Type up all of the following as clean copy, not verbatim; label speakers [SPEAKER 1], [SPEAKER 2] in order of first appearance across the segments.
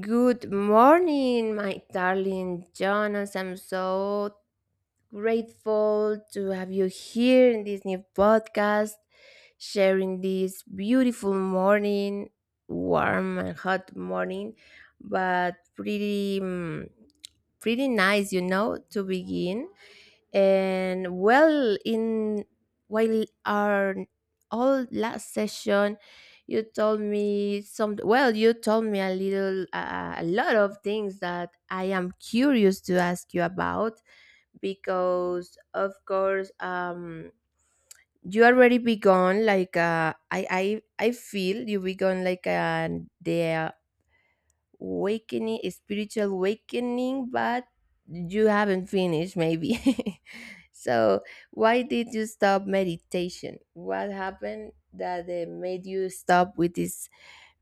[SPEAKER 1] Good morning, my darling Jonas. I'm so grateful to have you here in this new podcast, sharing this beautiful morning, warm and hot morning, but pretty, pretty nice, you know, to begin. And well, in while our all last session, you told me a lot of things that I am curious to ask you about because, of course, you already begun like, uh, I feel you begun like, uh, the awakening, spiritual awakening, but you haven't finished maybe. So why did you stop meditation? What happened that made you stop with this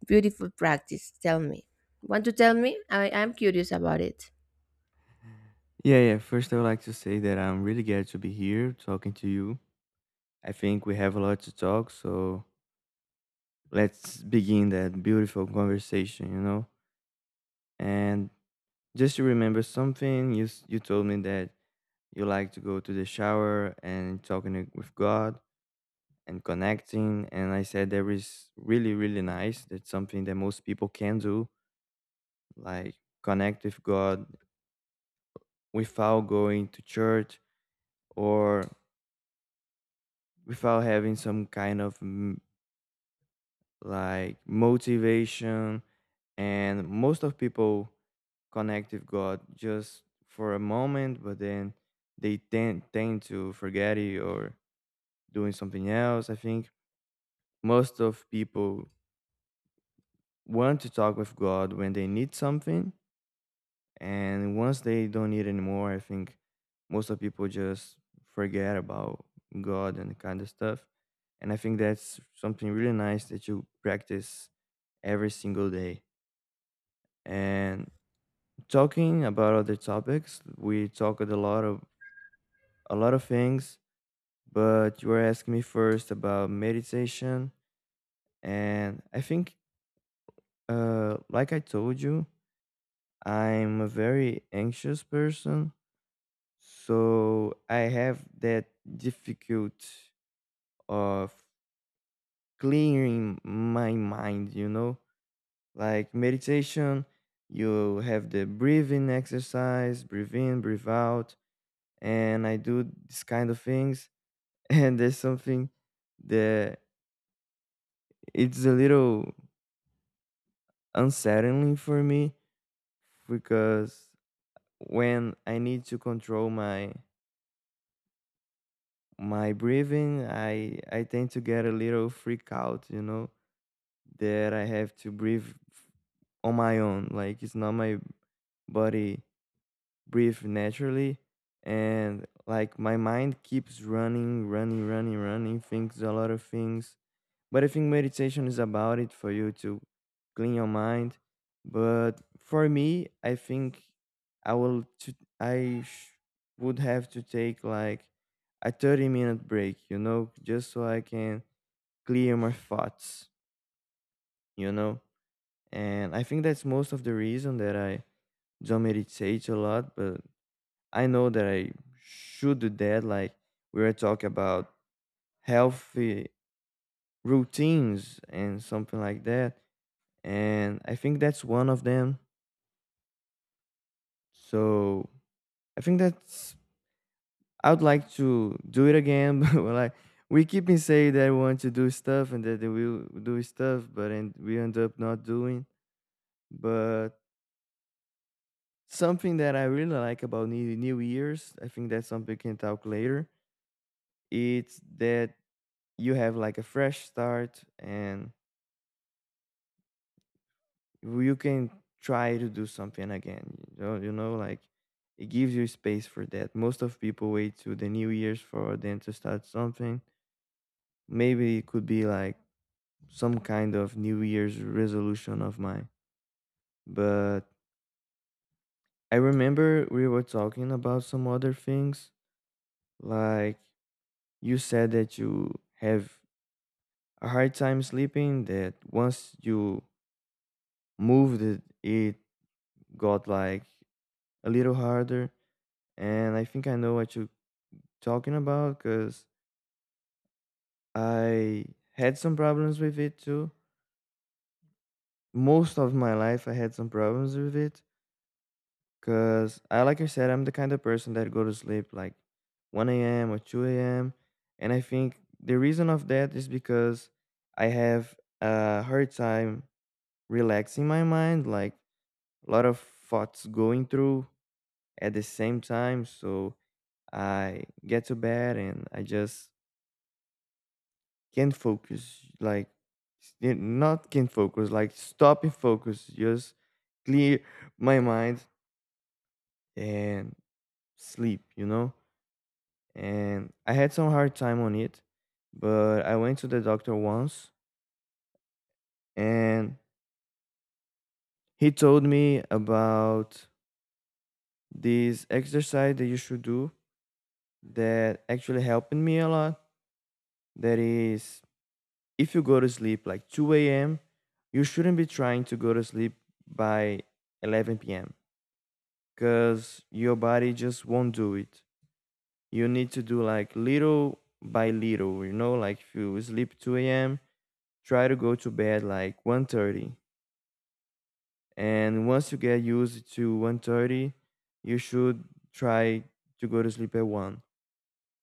[SPEAKER 1] beautiful practice? Tell me. Want to tell me? I am curious about it.
[SPEAKER 2] Yeah, yeah. First, I would like to say that I'm really glad to be here talking to you. I think we have a lot to talk, so let's begin that beautiful conversation, you know? And just to remember something, you told me that you like to go to the shower and talking it with God and connecting. And I said that is really, really nice. That's something that most people can do, like connect with God without going to church or without having some kind of like motivation. And most of people connect with God just for a moment, but then they tend to forget it or doing something else. I think most of people want to talk with God when they need something, and once they don't need anymore, I think most of people just forget about God and kind of stuff. And I think that's something really nice that you practice every single day. And talking about other topics, we talked a lot of things, but you were asking me first about meditation, and I think, like I told you, I'm a very anxious person, so I have that difficult of clearing my mind. You know, like meditation. You have the breathing exercise, breathe in, breathe out, and I do this kind of things. And there's something that it's a little unsettling for me because when I need to control my breathing, I tend to get a little freak out, you know, that I have to breathe on my own. Like it's not my body breathe naturally, and like my mind keeps running, running, running, running, thinks a lot of things. But I think meditation is about it for you to clean your mind. But for me, I think I would have to take like a 30-minute break, you know, just so I can clear my thoughts, you know. And I think that's most of the reason that I don't meditate a lot, but I know that I should do that. Like we were talking about healthy routines and something like that, and I think that's one of them. So I think that's, I would like to do it again, but we're like we keep in saying that we want to do stuff and that we will do stuff, but and we end up not doing. But something that I really like about New Year's, I think that's something we can talk later. It's that you have like a fresh start and you can try to do something again, you know, like it gives you space for that. Most of people wait to the new year's for them to start something. Maybe it could be like some kind of new year's resolution of mine, but I remember we were talking about some other things, like you said that you have a hard time sleeping, that once you moved it got like a little harder, and I think I know what you talking about because I had some problems with it too. Most of my life, I had some problems with it because I, like I said, I'm the kind of person that go to sleep like 1 a.m. or 2 a.m. And I think the reason of that is because I have a hard time relaxing my mind, like a lot of thoughts going through at the same time. So I get to bed and I just can focus like stop and focus, just clear my mind and sleep, you know. And I had some hard time on it, but I went to the doctor once, and he told me about this exercise that you should do that actually helped me a lot. That is, if you go to sleep like 2 a.m, you shouldn't be trying to go to sleep by 11 p.m because your body just won't do it. You need to do like little by little, you know, like if you sleep 2 a.m., try to go to bed like 1:30. And once you get used to 1:30, you should try to go to sleep at 1.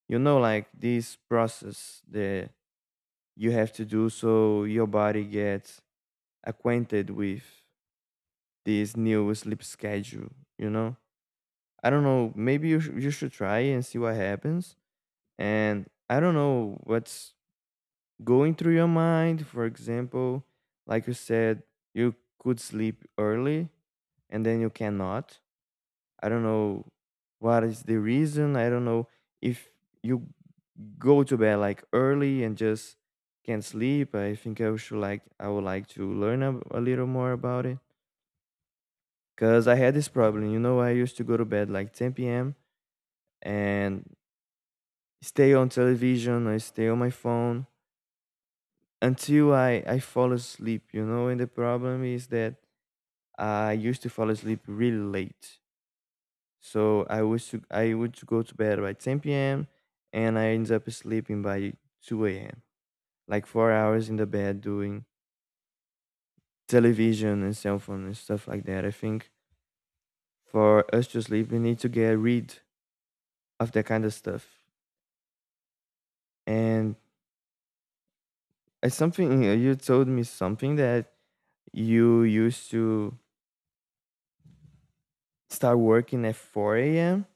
[SPEAKER 2] You know, like this process that you have to do so your body gets acquainted with this new sleep schedule, you know? I don't know, maybe you should try and see what happens. And I don't know what's going through your mind. For example, like you said, you could sleep early and then you cannot. I don't know what is the reason. I don't know if you go to bed like early and just can't sleep. I think I should like I would like to learn a little more about it because I had this problem. You know, I used to go to bed like 10 p.m. and stay on television. I stay on my phone until I fall asleep, you know. And the problem is that I used to fall asleep really late. So I would go to bed by 10 p.m. and I ended up sleeping by 2 a.m. Like 4 hours in the bed doing television and cell phone and stuff like that. I think for us to sleep, we need to get rid of that kind of stuff. And it's something you told me something that you used to start working at 4 a.m.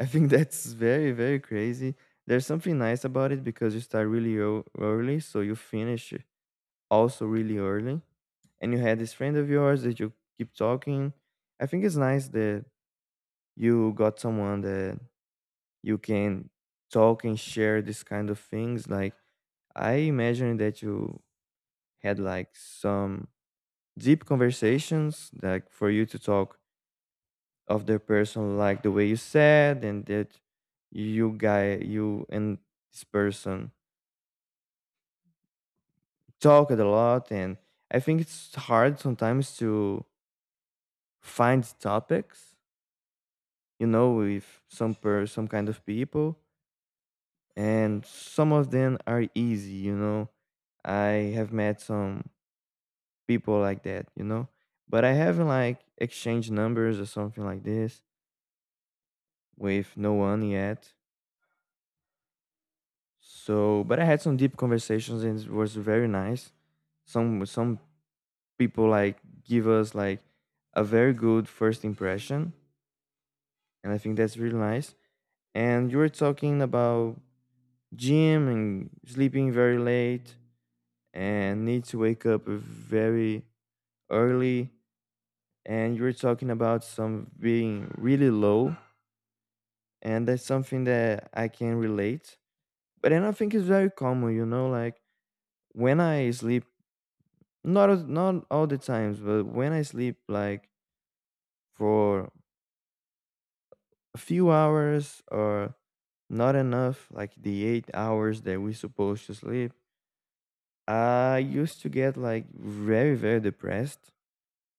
[SPEAKER 2] I think that's very, very crazy. There's something nice about it because you start really early, so you finish also really early. And you had this friend of yours that you keep talking. I think it's nice that you got someone that you can talk and share this kind of things. Like, I imagine that you had like some deep conversations, like for you to talk of the person like the way you said, and that you and this person talked a lot. And I think it's hard sometimes to find topics, you know, with some kind of people. And some of them are easy, you know. I have met some people like that, you know, but I haven't like exchanged numbers or something like this with no one yet. So, but I had some deep conversations and it was very nice. Some people like give us like a very good first impression, and I think that's really nice. And you were talking about gym and sleeping very late and need to wake up very early. And you were talking about some being really low, and that's something that I can relate. But then I think it's very common, you know, like when I sleep, not all the times, but when I sleep like for a few hours or not enough, like the 8 hours that we supposed to sleep, I used to get like very, very depressed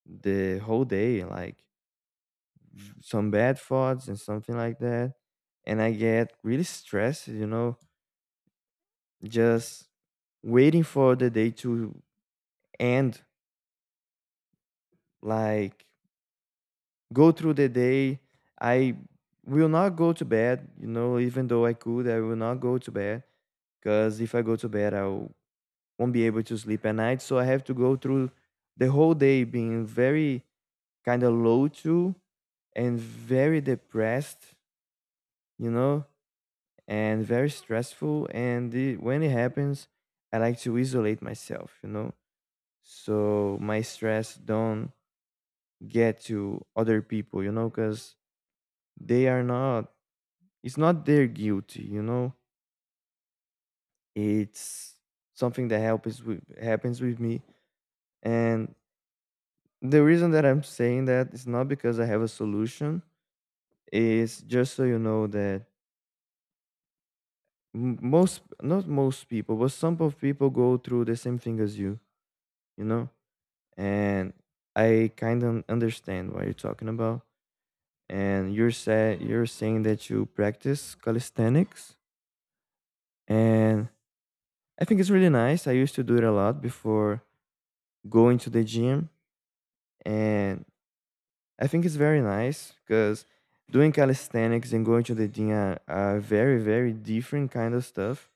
[SPEAKER 2] the whole day, like some bad thoughts and something like that. And I get really stressed, you know, just waiting for the day to end, like go through the day. I will not go to bed, you know, even though I could, I will not go to bed because if I go to bed, I won't be able to sleep at night. So I have to go through the whole day being very kind of low too and very depressed, you know, and very stressful. And when it happens, I like to isolate myself, you know, so my stress don't get to other people, you know, because they are not, it's not their guilty, you know, it's something that happens with me. And the reason that I'm saying that is not because I have a solution. It's just so you know that most, not most people, but some of people go through the same thing as you, you know. And I kind of understand what you're talking about. And you're saying that you practice calisthenics, and I think it's really nice. I used to do it a lot before going to the gym. And I think it's very nice because doing calisthenics and going to the gym are very very different kind of stuff.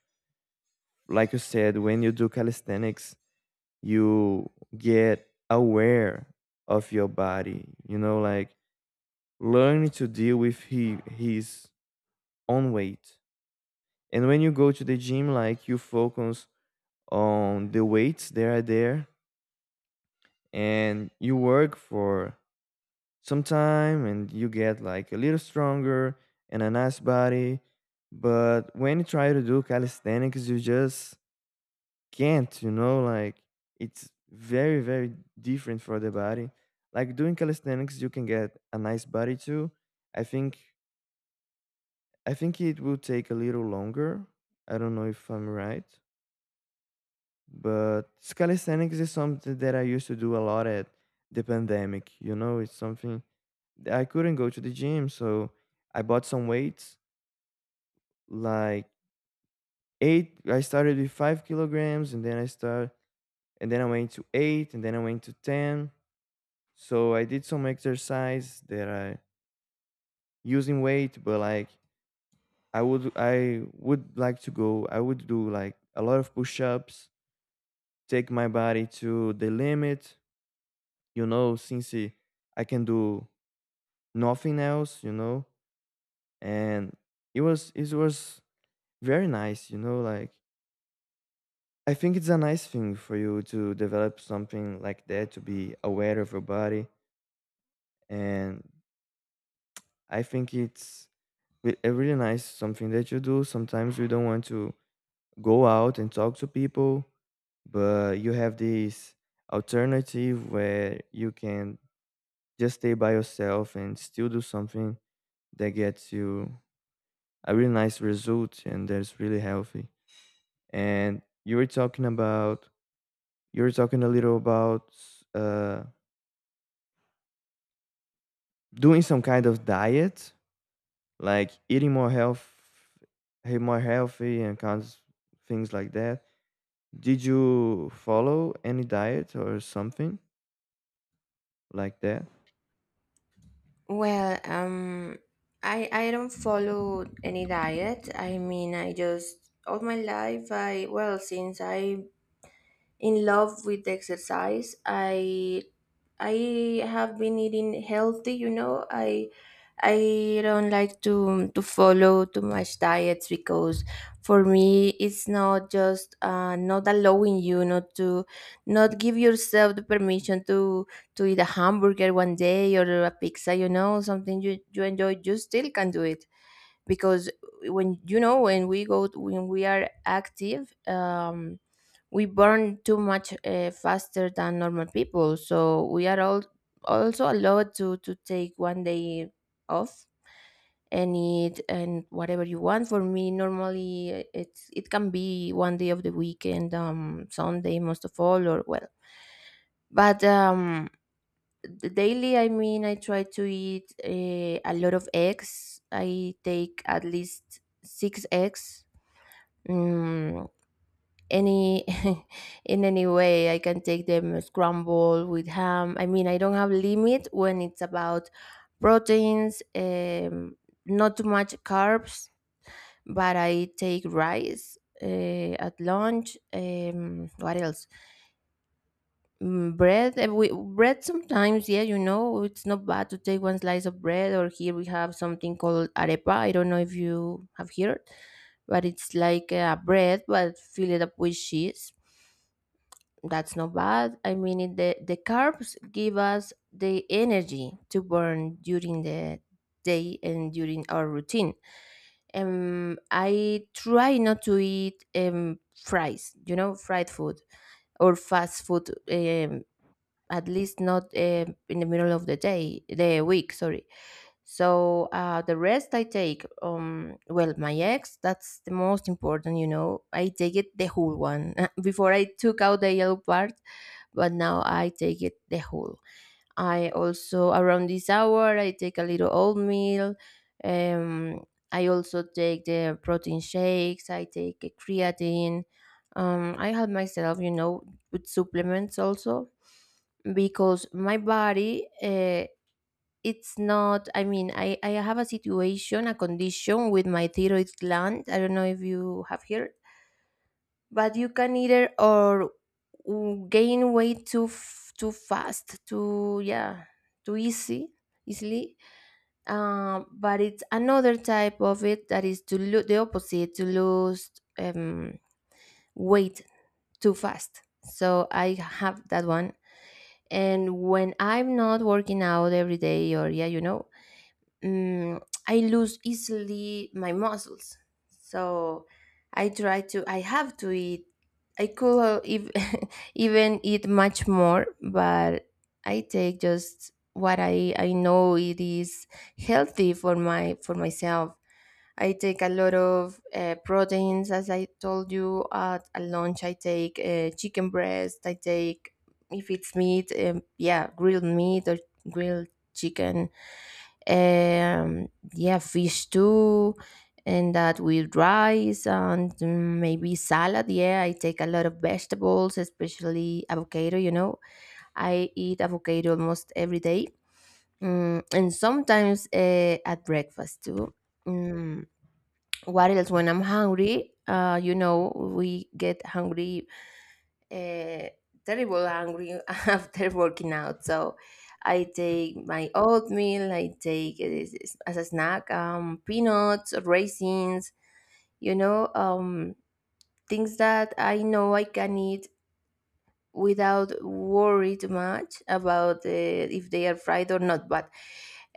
[SPEAKER 2] Like you said, when you do calisthenics, you get aware of your body. You know, like learning to deal with his own weight. And when you go to the gym, like you focus on the weights that are there, and you work for some time and you get like a little stronger and a nice body. But when you try to do calisthenics, you just can't, you know, like it's very, very different for the body. Like doing calisthenics, you can get a nice body too. I think I think it will take a little longer. I don't know if I'm right. But calisthenics is something that I used to do a lot at the pandemic. You know, it's something that I couldn't go to the gym, so I bought some weights. Like eight, I started with 5 kilograms, and then I start, and then I went to eight, and then I went to 10. So I did some exercise that I using weight, but like I would like to go. I would do like a lot of push-ups, take my body to the limit, you know, since I can do nothing else, you know, and it was very nice, you know. Like I think it's a nice thing for you to develop something like that to be aware of your body, and I think it's a really nice something that you do. Sometimes we don't want to go out and talk to people, but you have this alternative where you can just stay by yourself and still do something that gets you a really nice result and that's really healthy. And you were talking a little about uh, doing some kind of diet, like eating more health, more healthy and kinds things like that. Did you follow any diet or something like that?
[SPEAKER 1] Well, I don't follow any diet. I mean, I just, all my life, I well since I in love with exercise, I have been eating healthy, you know. I don't like to follow too much diets because for me it's not just, not allowing you, not to not give yourself the permission to eat a hamburger one day or a pizza, you know, something you, you enjoy, you still can do it because when you know when we go when we are active, we burn too much, faster than normal people, so we are all also allowed to take one day off and eat and whatever you want. For me normally, it's, it can be one day of the weekend, um, Sunday most of all, or, well, but the daily, I mean, I try to eat, a lot of eggs. I take at least six eggs, mm, any in any way, I can take them scrambled with ham. I mean, I don't have limit when it's about proteins, not too much carbs, but I take rice, at lunch. What else? Bread, bread sometimes. Yeah, you know, it's not bad to take one slice of bread, or here we have something called arepa. I don't know if you have heard, but it's like a bread but fill it up with cheese. That's not bad. I mean, the carbs give us the energy to burn during the day and during our routine. I try not to eat, fries, you know, fried food or fast food, at least not, in the middle of the day, the week, sorry. So, the rest I take, well, my eggs, that's the most important, you know. I take it the whole one. Before I took out the yellow part, but now I take it the whole. I also, around this hour, I take a little oatmeal. Um, I also take the protein shakes. I take a creatine. I help myself, you know, with supplements also because my body, it's not, I mean, I have a situation, a condition with my thyroid gland. I don't know if you have heard, but you can either or gain weight too too fast too. Yeah, too easy easily. But it's another type of it that is to lose, the opposite, to lose, um, weight too fast. So I have that one, and when I'm not working out every day or, yeah, you know, mm, I lose easily my muscles. So I have to eat. I could ev- even eat much more, but I take just what I know it is healthy for my, for myself. I take a lot of, proteins, as I told you. At a lunch, I take, chicken breast. I take, if it's meat, yeah, grilled meat or grilled chicken. Um, yeah, fish too, and that with rice and, maybe salad. Yeah, I take a lot of vegetables, especially avocado. You know, I eat avocado almost every day, and sometimes at breakfast too. Mm what else? When I'm hungry, uh, you know, we get hungry, uh terrible hungry after working out. So I take my oatmeal. I take it as a snack, peanuts, raisins, you know, things that I know I can eat without worried much about, if they are fried or not. But,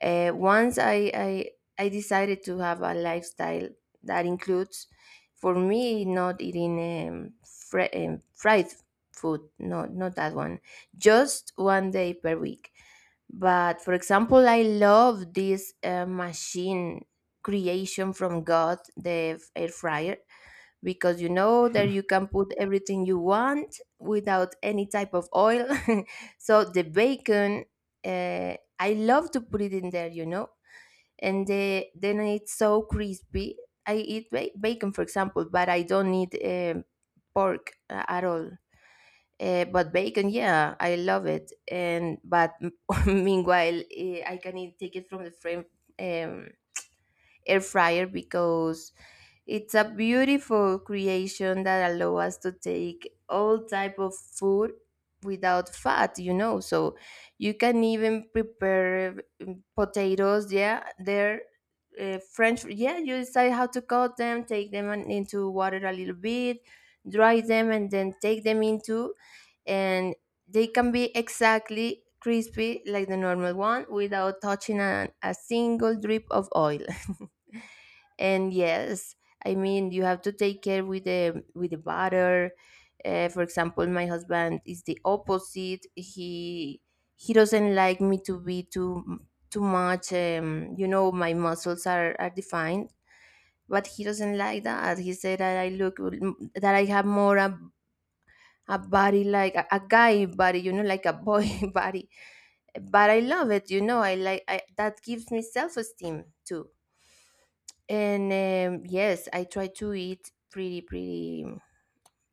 [SPEAKER 1] once I decided to have a lifestyle that includes, for me, not eating, fried food. No, not that one. Just one day per week. But, for example, I love this, machine creation from God, the air fryer, because you know that you can put everything you want without any type of oil. So the bacon, uh, I love to put it in there, you know, and then it's so crispy. I eat bacon, for example, but I don't eat, pork, at all. But bacon, yeah, I love it. And but meanwhile, I can eat, take it from the frame. Um, air fryer, because it's a beautiful creation that allow us to take all type of food without fat, you know. So you can even prepare, potatoes. Yeah, they're, french. Yeah, you decide how to cut them, take them into water a little bit, dry them, and then take them into, and they can be exactly crispy like the normal one without touching a single drip of oil. And yes, I mean, you have to take care with the, butter. For example, my husband is the opposite. He doesn't like me to be too much. You know, my muscles are defined, but he doesn't like that. He said that I look, that I have more a body like a guy body, you know, like a boy body. But I love it, you know. I that gives me self-esteem too. And, yes, I try to eat pretty,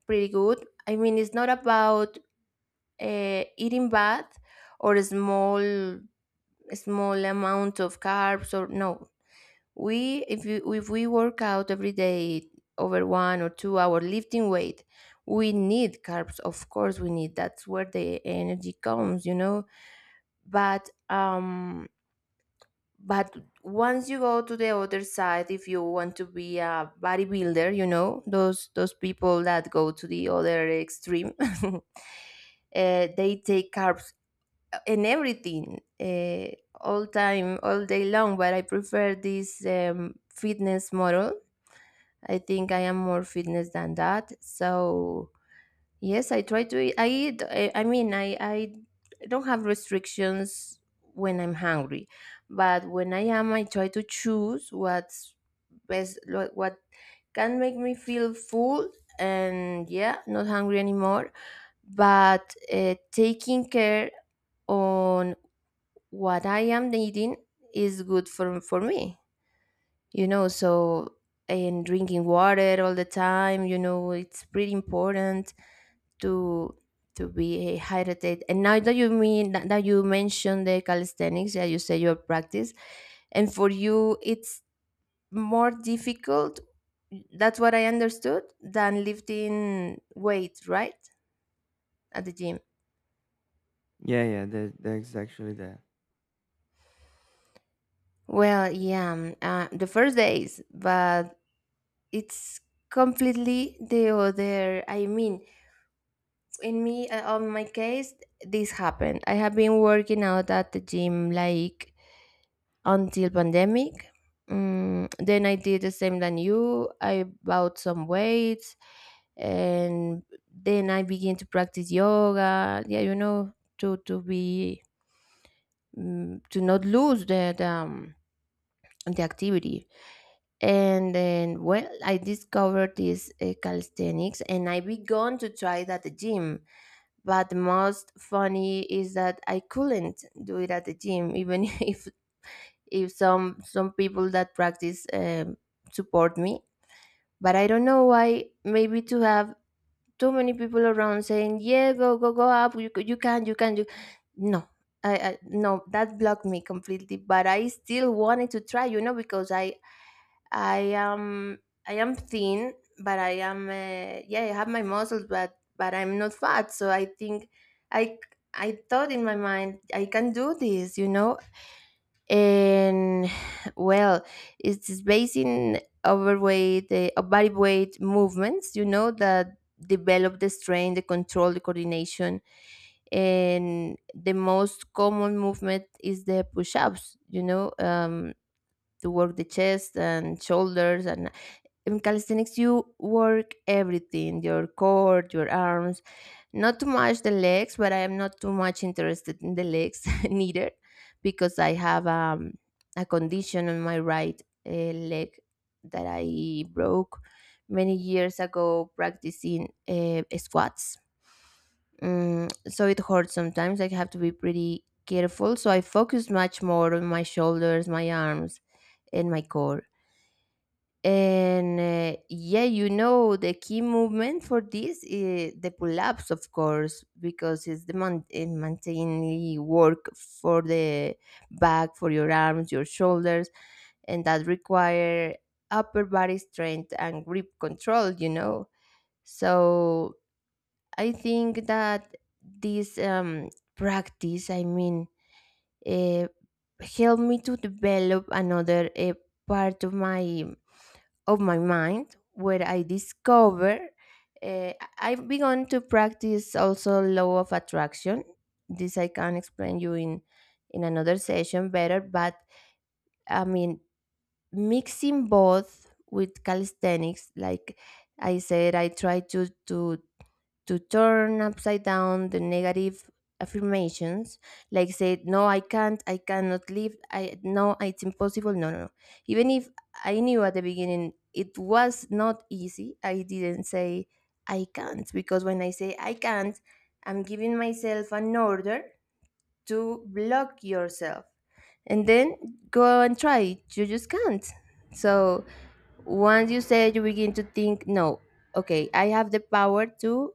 [SPEAKER 1] pretty good. I mean, it's not about, eating bad or a small, amount of carbs or no. we If you, if we work out every day over one or two-hour lifting weight, we need carbs. Of course we need. That's where the energy comes, you know. But um but once you go to the other side, if you want to be a bodybuilder, you know, those people that go to the other extreme, uh, they take carbs and everything, all time, all day long. But I prefer this, fitness model. I think I am more fitness than that. So yes, I try to eat. I eat. I mean, I don't have restrictions when I'm hungry, but when I am, I try to choose what's best, what can make me feel full and, yeah, not hungry anymore. But, taking care on what I am eating is good for, me, you know. So and drinking water all the time, you know, it's pretty important to be hydrated. And now that you that you mentioned the calisthenics, yeah, you say your practice, and for you it's more difficult, that's what I understood, than lifting weight, right? At the gym.
[SPEAKER 2] Yeah, yeah, that's actually that.
[SPEAKER 1] Well, yeah, the first days, but it's completely the other, I mean, in me on my case, this happened. I have been working out at the gym like until pandemic. Then I did the same than you. I bought some weights, and then I began to practice yoga. Yeah, you know, to be, to not lose the, the activity. And then, well, I discovered this, calisthenics, and I began to try it at the gym. But the most funny is that I couldn't do it at the gym, even if some people that practice, support me. But I don't know why. Maybe to have too many people around saying, "Yeah, go, go, go up. You, you can, you can." You no, I no, that blocked me completely. But I still wanted to try, you know, because I am I am thin, but I am, yeah, I have my muscles, but I'm not fat. So I think I I thought in my mind I can do this, you know. And, well, it's based in overweight the, body weight movements, you know, that develop the strength, the control, the coordination. And the most common movement is the push-ups, you know, to work the chest and shoulders. And in calisthenics you work everything, your core, your arms, not too much the legs, but I am not too much interested in the legs neither, because I have, a condition on my right, leg that I broke many years ago practicing, squats. So it hurts sometimes. I have to be pretty careful. So I focus much more on my shoulders, my arms, and my core. And the key movement for this is the pull ups, of course, because it's the maintaining work for the back, for your arms, your shoulders, and that require upper body strength and grip control, you know. So I think that this practice, uh, helped me to develop another part of my mind where I discover uh, I've begun to practice also law of attraction. This I can explain you in another session better, but I mean mixing both with calisthenics, like I said, I try to turn upside down the negative affirmations, like say, no, I can't, I cannot live, I, no, it's impossible, no, no, no. Even if I knew at the beginning it was not easy, I didn't say I can't, because when I say I can't, I'm giving myself an order to block yourself, and then go and try it, you just can't. So once you say it, you begin to think, no, okay, I have the power to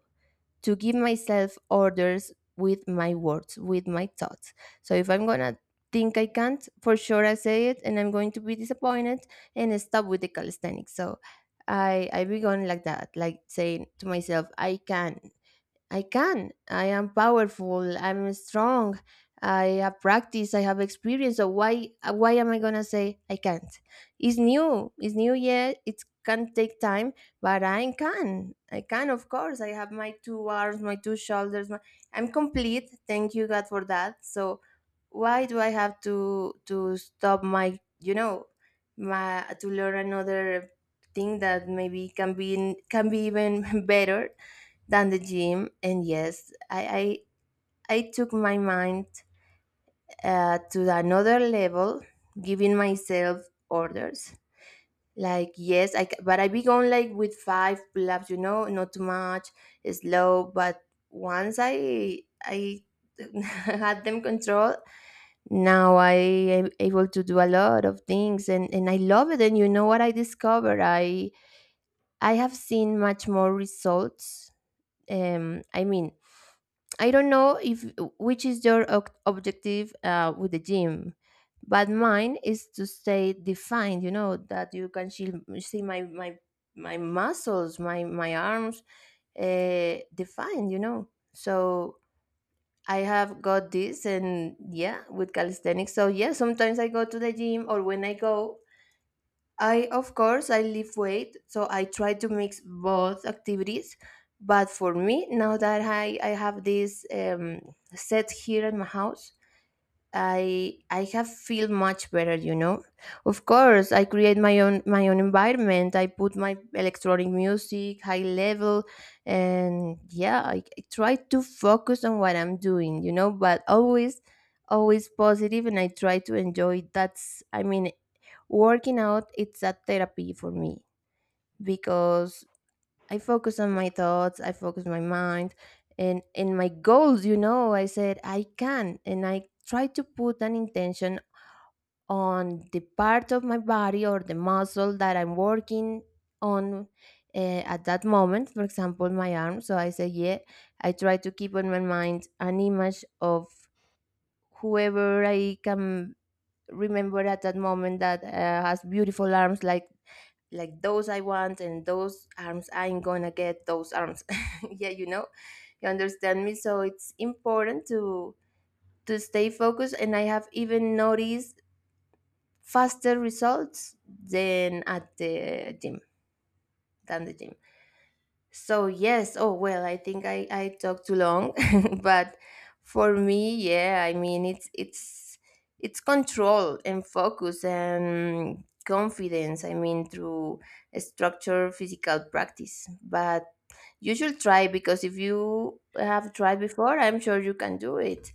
[SPEAKER 1] give myself orders with my words, with my thoughts. So if I'm gonna think I can't, for sure I say it and I'm going to be disappointed and stop with the calisthenics. So I begun like that, like saying to myself, I can, I can. I am powerful. I'm strong. I have practice. I have experience. So why am I gonna say I can't? It's new. It's new yet. It can take time, but I can. I can. Of course, I have my two arms, my two shoulders. My, I'm complete. Thank you God for that. So why do I have to stop my, my, to learn another thing that maybe can be, can be even better than the gym. And yes, I took my mind to another level, giving myself orders. Like, yes, but I began like with five pull ups, you know, not too much, slow. But once I had them control, now I am able to do a lot of things, and I love it. And you know what I discovered? I have seen much more results. Um, I mean, I don't know if which is your objective with the gym, but mine is to stay defined. You know that you can see, see my muscles, my arms, defined. You know, so I have got this, and yeah, with calisthenics. So yeah, sometimes I go to the gym, or when I go, I, of course, I lift weight, so I try to mix both activities. But for me, now that I have this set here in my house, I have feel much better, you know. Of course, I create my own environment. I put my electronic music high level, and yeah, I try to focus on what I'm doing, you know. But always, always positive, and I try to enjoy. That's I mean Working out, it's a therapy for me because I focus on my thoughts, I focus my mind, and my goals. You know, I said I can, and I try to put an intention on the part of my body or the muscle that I'm working on at that moment. For example, my arm. So I say, yeah, I try to keep in my mind an image of whoever I can remember at that moment that has beautiful arms, like those I want, and those arms, I'm gonna get those arms. Yeah, you know, you understand me. So it's important to stay focused, and I have even noticed faster results than at the gym, than the gym. So yes, oh well, I think I talked too long, but for me, yeah, I mean it's control and focus and confidence. I mean, through a structured physical practice, but you should try, because if you have tried before, I'm sure you can do it,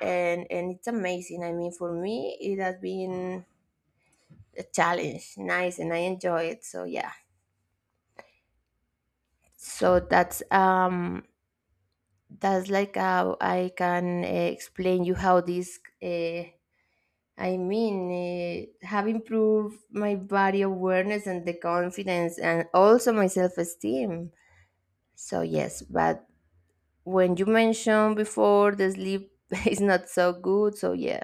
[SPEAKER 1] and it's amazing. I mean, for me, it has been a challenge, nice, and I enjoy it. So yeah, so that's like how I can explain you how this. Have improved my body awareness and the confidence, and also my self esteem. So yes, but when you mentioned before, the sleep is not so good. So yeah,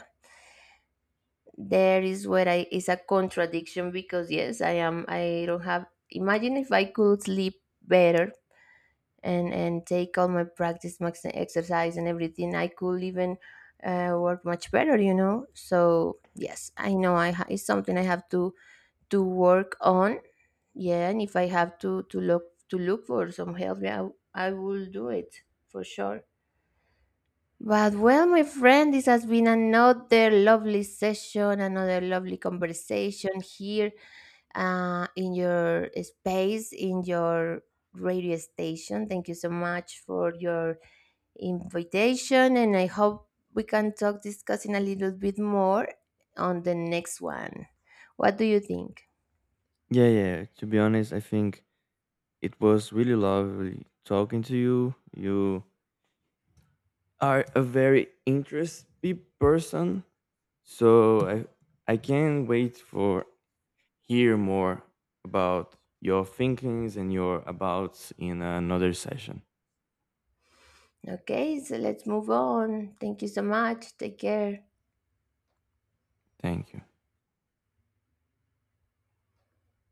[SPEAKER 1] there is where I is a contradiction, because yes, I am. I don't have. Imagine if I could sleep better and take all my practice max exercise and everything, I could even work much better, you know. So yes, I know it's something I have to work on. Yeah, and if I have to look for some help, yeah, I will do it for sure. But well, my friend, this has been another lovely session, another lovely conversation here in your space, in your radio station. Thank you so much for your invitation, and I hope we can talk discussing a little bit more on the next one. What do you think?
[SPEAKER 2] Yeah, yeah. To be honest, I think it was really lovely talking to you. You are a very interesting person, so I can't wait for hear more about your thinkings and your abouts in another session.
[SPEAKER 1] Okay, so let's move on. Thank you so much. Take care.
[SPEAKER 2] Thank you.